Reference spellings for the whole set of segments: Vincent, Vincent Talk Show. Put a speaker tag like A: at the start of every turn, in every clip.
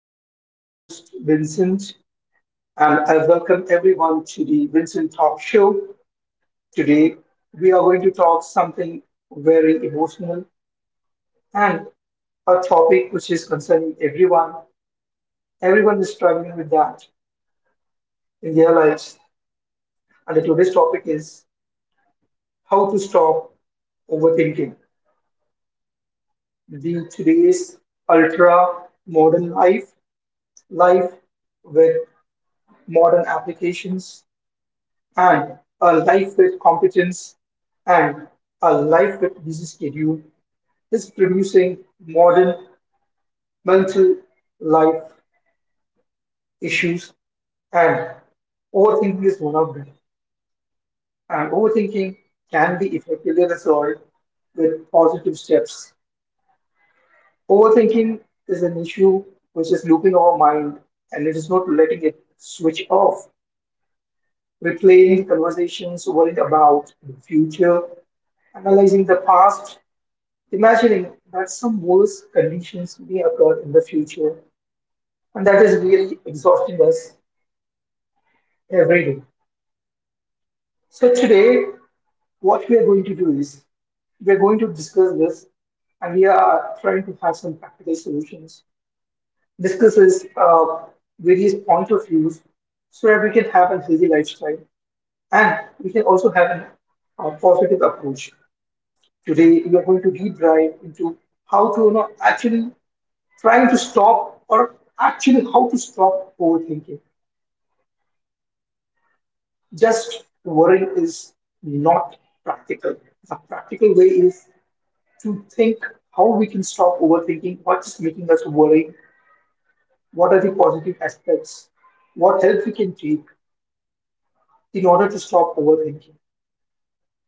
A: is your host, Vincent, and I welcome everyone to the Vincent Talk Show. Today, we are going to talk something very emotional and a topic which is concerning everyone. Everyone is struggling with that in their lives. And the today's topic is how to stop overthinking. The today's ultra modern life, life with modern applications, and a life with competence and a life with busy schedule is producing modern mental life issues, and overthinking is one of them. And overthinking can be effectively resolved with positive steps. Overthinking is an issue which is looping our mind and it is not letting it switch off, replaying conversations, worrying about the future, analyzing the past, imagining that some worse conditions may occur in the future, and that is really exhausting us every day. So, today, what we are going to do is we are going to discuss this, and we are trying to have some practical solutions, discuss this, various point of views so that we can have a healthy lifestyle and we can also have a positive approach. Today, we are going to deep dive into how to actually trying to stop, or actually how to stop overthinking. Just worrying is not practical. The practical way is to think how we can stop overthinking, what is making us worry, what are the positive aspects, what help we can take in order to stop overthinking.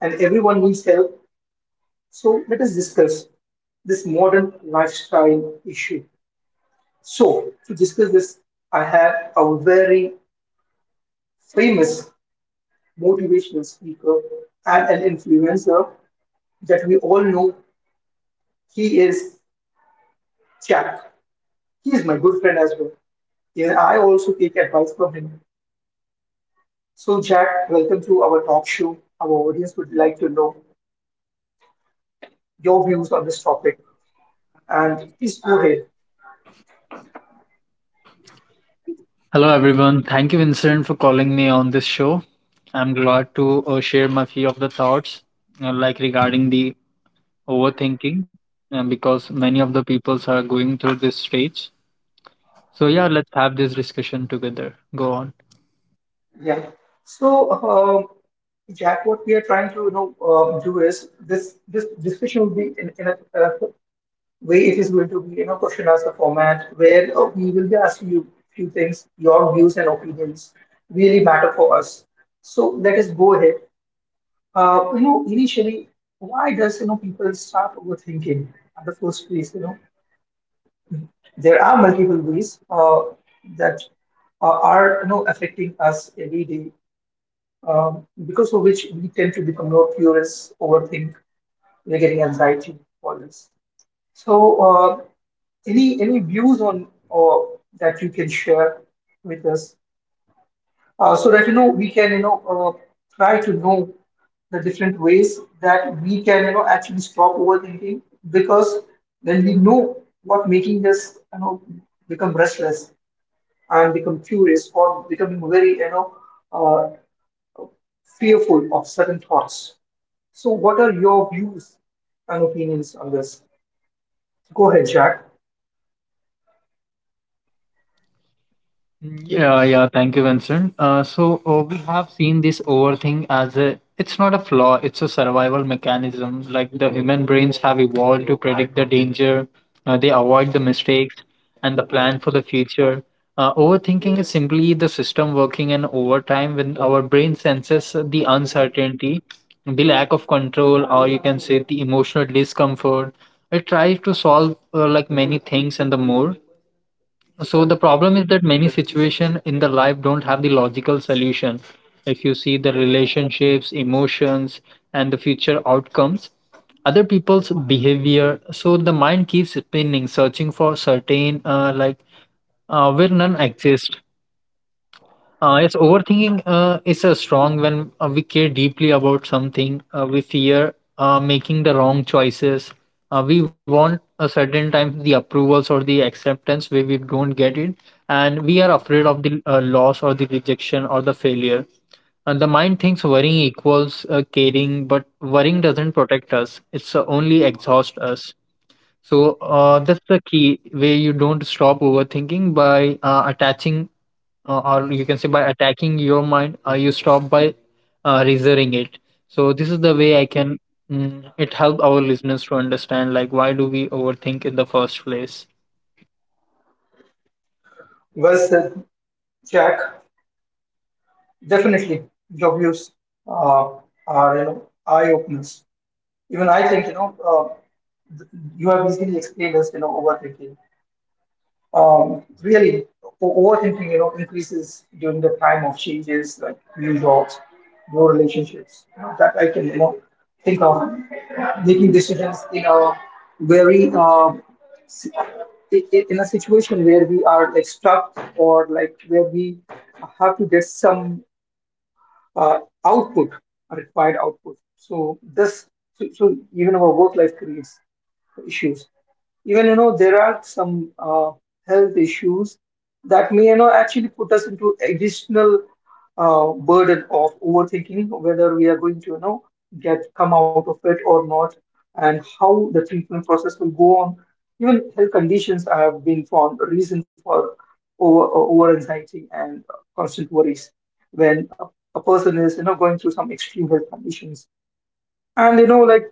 A: And everyone needs help. So let us discuss this modern lifestyle issue. So, to discuss this, I have a very famous motivational speaker and an influencer that we all know. He is Jack. He is my good friend as well. And I also take advice from him. So, Jack, welcome to our talk show. Our audience would like to know your views on this topic. And please go ahead.
B: Hello, everyone. Thank you, Vincent, for calling me on this show. I'm glad to share my few of the thoughts, like regarding the overthinking, because many of the peoples are going through this stage. So yeah, let's have this discussion together. Go on.
A: Yeah. So, Jack, what we are trying to do is this discussion will be in a way. It is going to be, you know, question answer format where we will be asking you few things. Your views and opinions really matter for us. So let us go ahead. You know, initially, why does, you know, people start overthinking at the first place? You know, there are multiple ways that are, you know, affecting us every day, because of which we tend to become more curious, overthink, we're getting anxiety, all this. So, any views on or that you can share with us, so that, you know, we can, you know, try to know the different ways that we can, you know, actually stop overthinking. Because when we know what making us, you know, become restless and become curious, or becoming very, you know uh, fearful of certain thoughts. So, what are your views and opinions on this? Go ahead, Jack.
B: Yeah, yeah, thank you, Vincent. We have seen this overthink as a it's not a flaw, it's a survival mechanism. Like the human brains have evolved to predict the danger, they avoid the mistakes and the plan for the future. Overthinking is simply the system working in overtime when our brain senses the uncertainty, the lack of control, or you can say the emotional discomfort. It tries to solve like many things and the more. So the problem is that many situations in the life don't have the logical solution. If you see the relationships, emotions, and the future outcomes, other people's behavior, so the mind keeps spinning, searching for certain where none exist. Yes, overthinking is a strong when we care deeply about something. We fear making the wrong choices. We want a certain time the approvals or the acceptance where we don't get it, and we are afraid of the loss or the rejection or the failure. And the mind thinks worrying equals caring, but worrying doesn't protect us. It's only exhaust us. So that's the key way you don't stop overthinking by attaching, or you can say by attacking your mind, you stop by reserving it. So this is the way I can, it help our listeners to understand like why do we overthink in the first place.
A: Well said, Jack. Definitely, your views uh, are, you know, eye openers. Even I think, you know uh, th- you have easily explained us, you know, overthinking. Really, overthinking, you know, increases during the time of changes like new jobs, new relationships. You know, that I can, you know, think of making decisions in a very si- I- in a situation where we are like stuck, or like where we have to get some uh, output required output. So even our work life creates issues. Even, you know, there are some health issues that may, you know, actually put us into additional burden of overthinking, whether we are going to, you know, get come out of it or not, and how the treatment process will go on. Even health conditions have been found a reason for over anxiety and constant worries when a person is, you know, going through some extreme health conditions. And you know, like,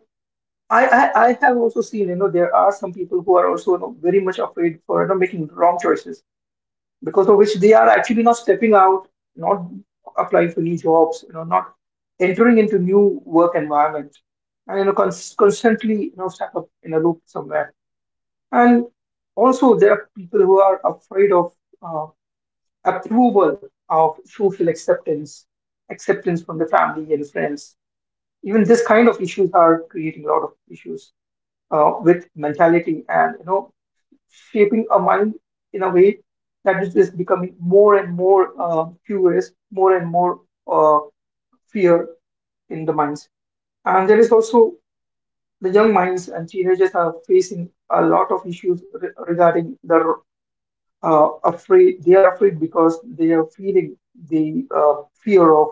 A: I have also seen, you know, there are some people who are also, you know, very much afraid for, you know, making wrong choices, because of which they are actually not stepping out, not applying for new jobs, you know, not entering into new work environment, and you know, constantly, you know, stuck up in a loop somewhere. And also, there are people who are afraid of uh, approval, of social acceptance, acceptance from the family and friends. Even this kind of issues are creating a lot of issues with mentality, and you know, shaping our mind in a way that is just becoming more and more curious, more and more uh, fear in the minds. And there is also the young minds and teenagers are facing a lot of issues regarding the afraid. They are afraid because they are feeling the fear of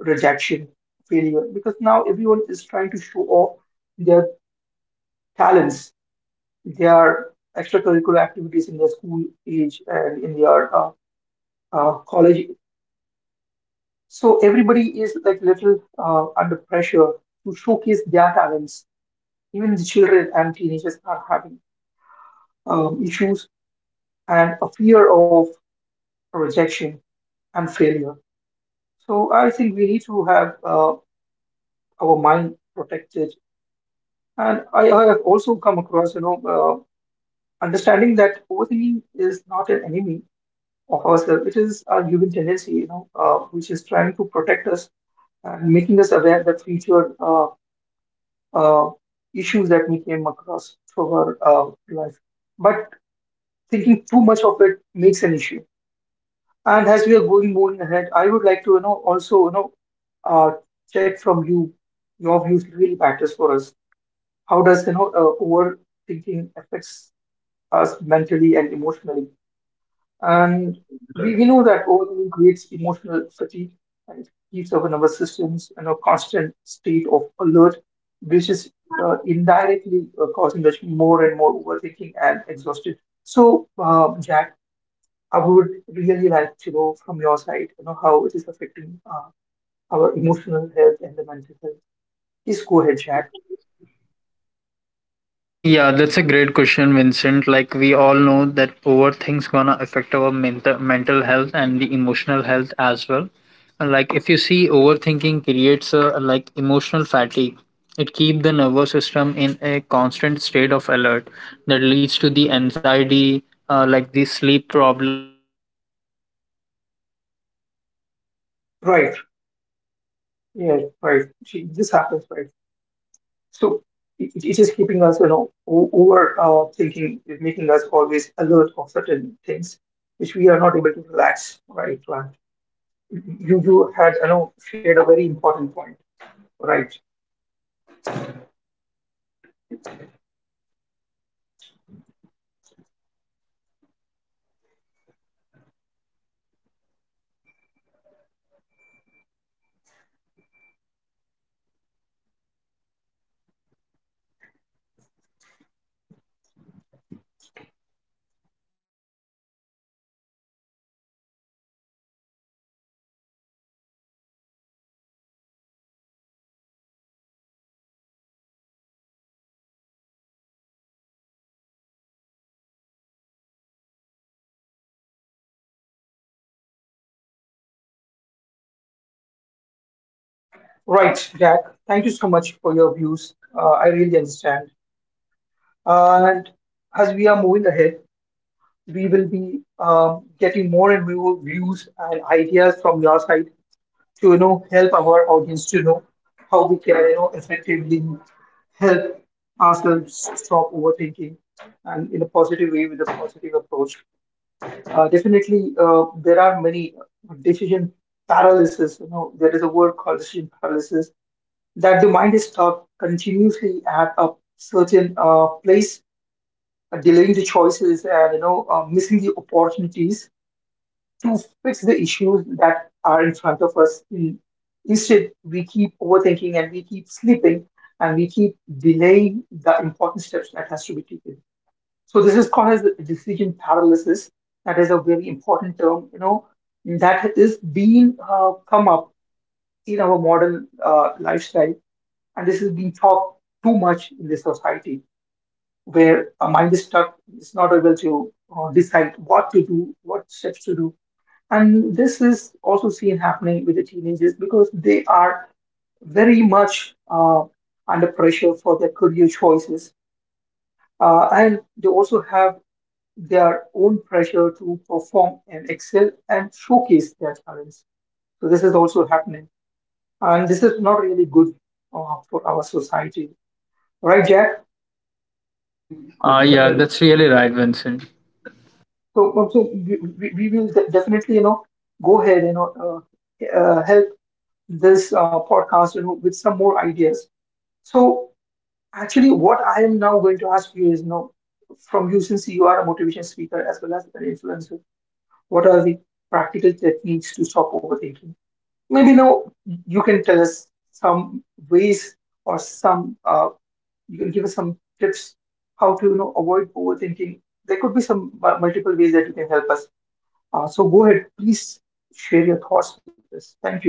A: rejection, failure. Because now everyone is trying to show off their talents. Their extracurricular activities in their school age and in their college. So everybody is like little under pressure to showcase their talents. Even the children and teenagers are having issues and a fear of rejection and failure. So I think we need to have our mind protected. And I have also come across, you know, understanding that overthinking is not an enemy of ourselves. It is a human tendency, you know, which is trying to protect us and making us aware that future uh, issues that we came across through our life. But thinking too much of it makes an issue. And as we are going moving ahead, I would like to, you know, also, you know, uh, check from you. Your views really matters for us. How does, you know, overthinking affects us mentally and emotionally? And we know that overeating creates emotional fatigue, and it keeps our nervous systems in a constant state of alert, which is indirectly causing us more and more overthinking and exhausted. So, Jack, I would really like to know from your side, you know, how it is affecting our emotional health and the mental health. Please go ahead, Jack.
B: Yeah, that's a great question, Vincent. Like we all know that overthink's gonna affect our mental health and the emotional health as well. And, like if you see overthinking creates a like emotional fatigue. It keeps the nervous system in a constant state of alert that leads to the anxiety, like the sleep problem, and sometimes if you see there will be
A: Right.
B: a difficult focusing,
A: Yeah, right. Gee, this happens, right?
B: irritability, low self
A: So,
B: confidence, and
A: it,
B: the
A: it is
B: mental
A: keeping us, you
B: burnout
A: know, o-
B: so
A: over
B: over the time,
A: thinking, is
B: it
A: making us
B: trains the
A: always
B: brain to
A: alert of
B: accept the
A: certain things,
B: problems
A: which we are
B: everywhere.
A: not able to relax.
B: Yes,
A: Right, right.
B: overthinking pulls us out
A: You
B: of
A: you
B: the
A: had, you know,
B: present
A: shared a very
B: moment
A: important point.
B: and traps
A: Right,
B: us in the imagined futures or replayed past. It also damages the self trust when you constantly analyze.
A: right, Jack. Thank you so much for your views. I really understand. And as we are moving ahead, we will be getting more and more views and ideas from your side to, you know, help our audience to know how we can, you know, effectively help ourselves stop overthinking, and in a positive way with a positive approach. Definitely, there are many decision paralysis. You know, there is a word called decision paralysis, that the mind is stuck continuously at a certain place, delaying the choices and you know missing the opportunities to fix the issues that are in front of us. Instead, we keep overthinking and we keep sleeping and we keep delaying the important steps that has to be taken. So this is called as decision paralysis. That is a very important term, you know, that is being come up in our modern lifestyle, and this is being taught too much in the society where a mind is stuck. It's not able to decide what to do, what steps to do. And this is also seen happening with the teenagers because they are very much under pressure for their career choices. And they also have their own pressure to perform and excel and showcase their talents. So this is also happening. And this is not really good for our society. Right, Jack?
B: Yeah, that's really right, Vincent.
A: So, so we, we will definitely, you know, go ahead, you know, help this podcast, you know, with some more ideas. So, actually, what I am now going to ask you is now from you, since you are a motivation speaker as well as an influencer, what are the practical techniques to stop overthinking? Maybe now you can tell us some ways or some, you can give us some tips how to, you know, avoid overthinking. There could be some multiple ways that you can help us. So go ahead, please share your thoughts with us. Thank you.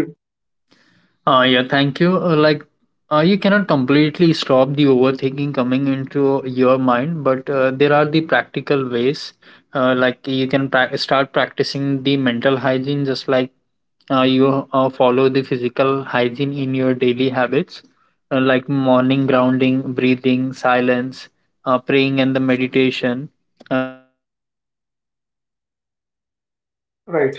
B: Yeah, thank you. You cannot completely stop the overthinking coming into your mind, but there are the practical ways. You can start practicing the mental hygiene just like you follow the physical hygiene in your daily habits, like morning grounding, breathing, silence, uh,
A: Right.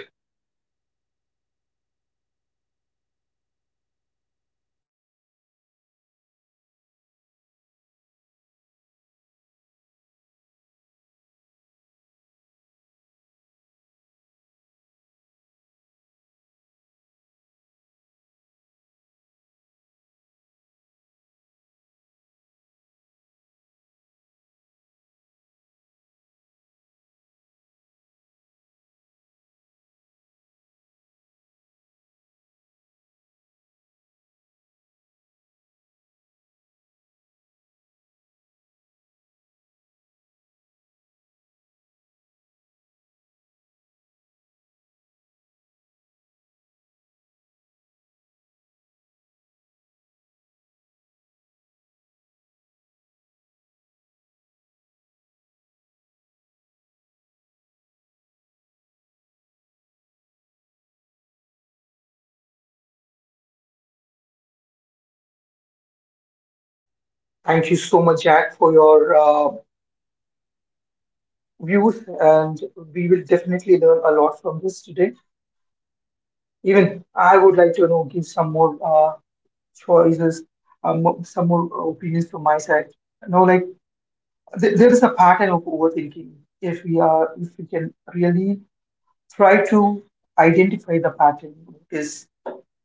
A: Thank you so much, Jack, for your views, and we will definitely learn a lot from this today. Even I would like to, you know, give some more choices, some more opinions from my side. You know, like, there is a pattern of overthinking. If we are, if we can really try to identify the pattern, what is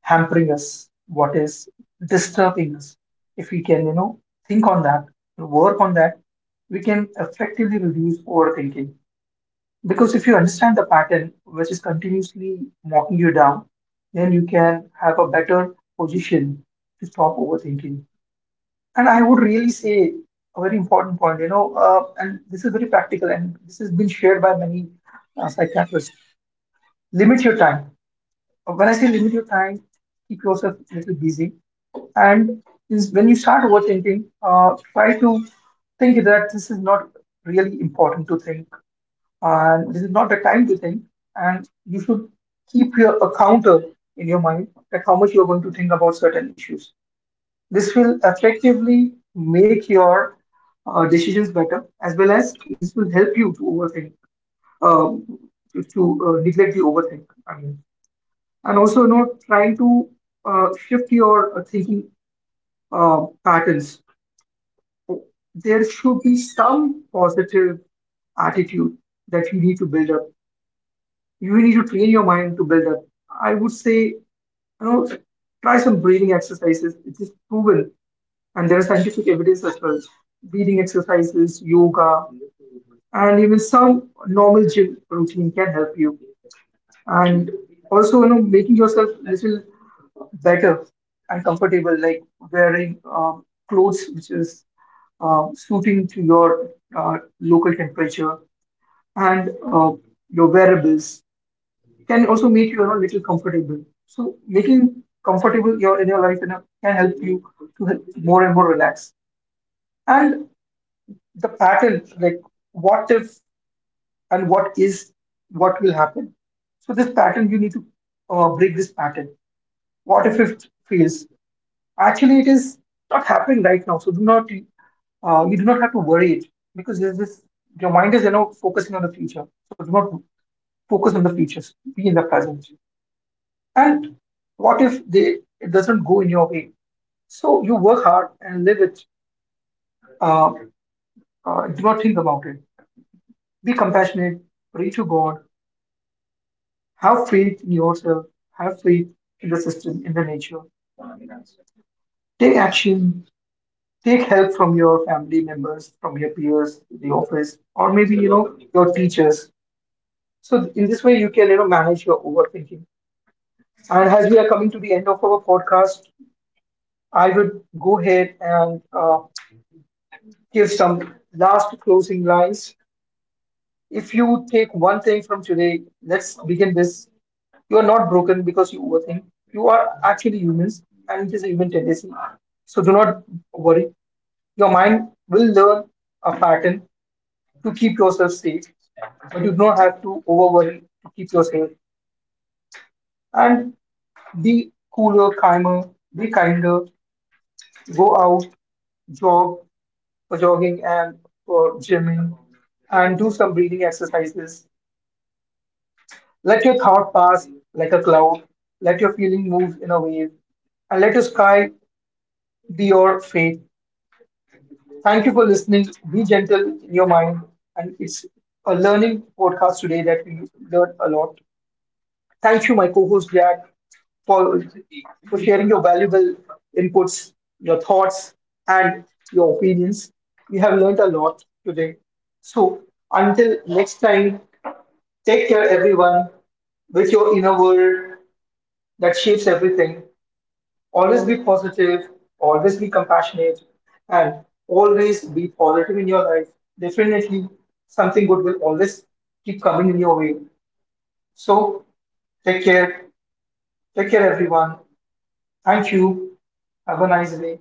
A: hampering us, what is disturbing us. If we can, you know, think on that, work on that, we can effectively reduce overthinking. Because if you understand the pattern which is continuously knocking you down, then you can have a better position to stop overthinking. And I would really say a very important point, you know, and this is very practical and this has been shared by many psychiatrists. Limit your time. When I say limit your time, keep yourself a little busy. And is when you start overthinking, try to think that this is not really important to think, and this is not the time to think, and you should keep your a counter in your mind that how much you are going to think about certain issues. This will effectively make your decisions better, as well as this will help you to overthink, um, to to, neglect the overthink, I mean. And also, you know, trying to shift your thinking patterns. There should be some positive attitude that you need to build up. You really need to train your mind to build up. I would say, you know, try some breathing exercises. It is proven, and there is scientific evidence as well. Breathing exercises, yoga, and even some normal gym routine can help you. And also, you know, making yourself little better and comfortable, like wearing clothes which is suiting to your local temperature, and your wearables can also make you, you know, little comfortable. So making comfortable your in your life, you know, can help you to help more and more relax. And the pattern, like what if, and what is, what will happen. So this pattern, you need to break this pattern. What if it fails? Actually, it is not happening right now. So do not you do not have to worry it, because there's this your mind is, you know, focusing on the future. So do not focus on the future. Be in the present. And what if they it doesn't go in your way? So you work hard and live it. Uh, do not think about it. Be compassionate. Pray to God. Have faith in yourself. Have faith in the system, in the nature. Take action. Take help from your family members, from your peers, the office, or maybe, you know, your teachers. So in this way, you can, you know, manage your overthinking. And as we are coming to the end of our podcast, I would go ahead and give some last closing lines. If you take one thing from today, let's begin this. You are not broken because you overthink. You are actually humans, and it is a human tendency. So do not worry. Your mind will learn a pattern to keep yourself safe, but you do not have to over worry to keep yourself. And be cooler, calmer, be kinder. Go out, jog for jogging and for gymming, and do some breathing exercises. Let your thought pass like a cloud, let your feeling move in a wave, and let your sky be your faith. Thank you for listening. Be gentle in your mind. And it's a learning podcast today that we learned a lot. Thank you, my co host Jack, for, for sharing your valuable inputs, your thoughts, and your opinions. We have learned a lot today. So, until next time, take care, everyone, with your inner world that shapes everything. Always be positive, always be compassionate, and always be positive in your life. Definitely, something good will always keep coming in your way. So, take care. Take care, everyone. Thank you. Have a nice day.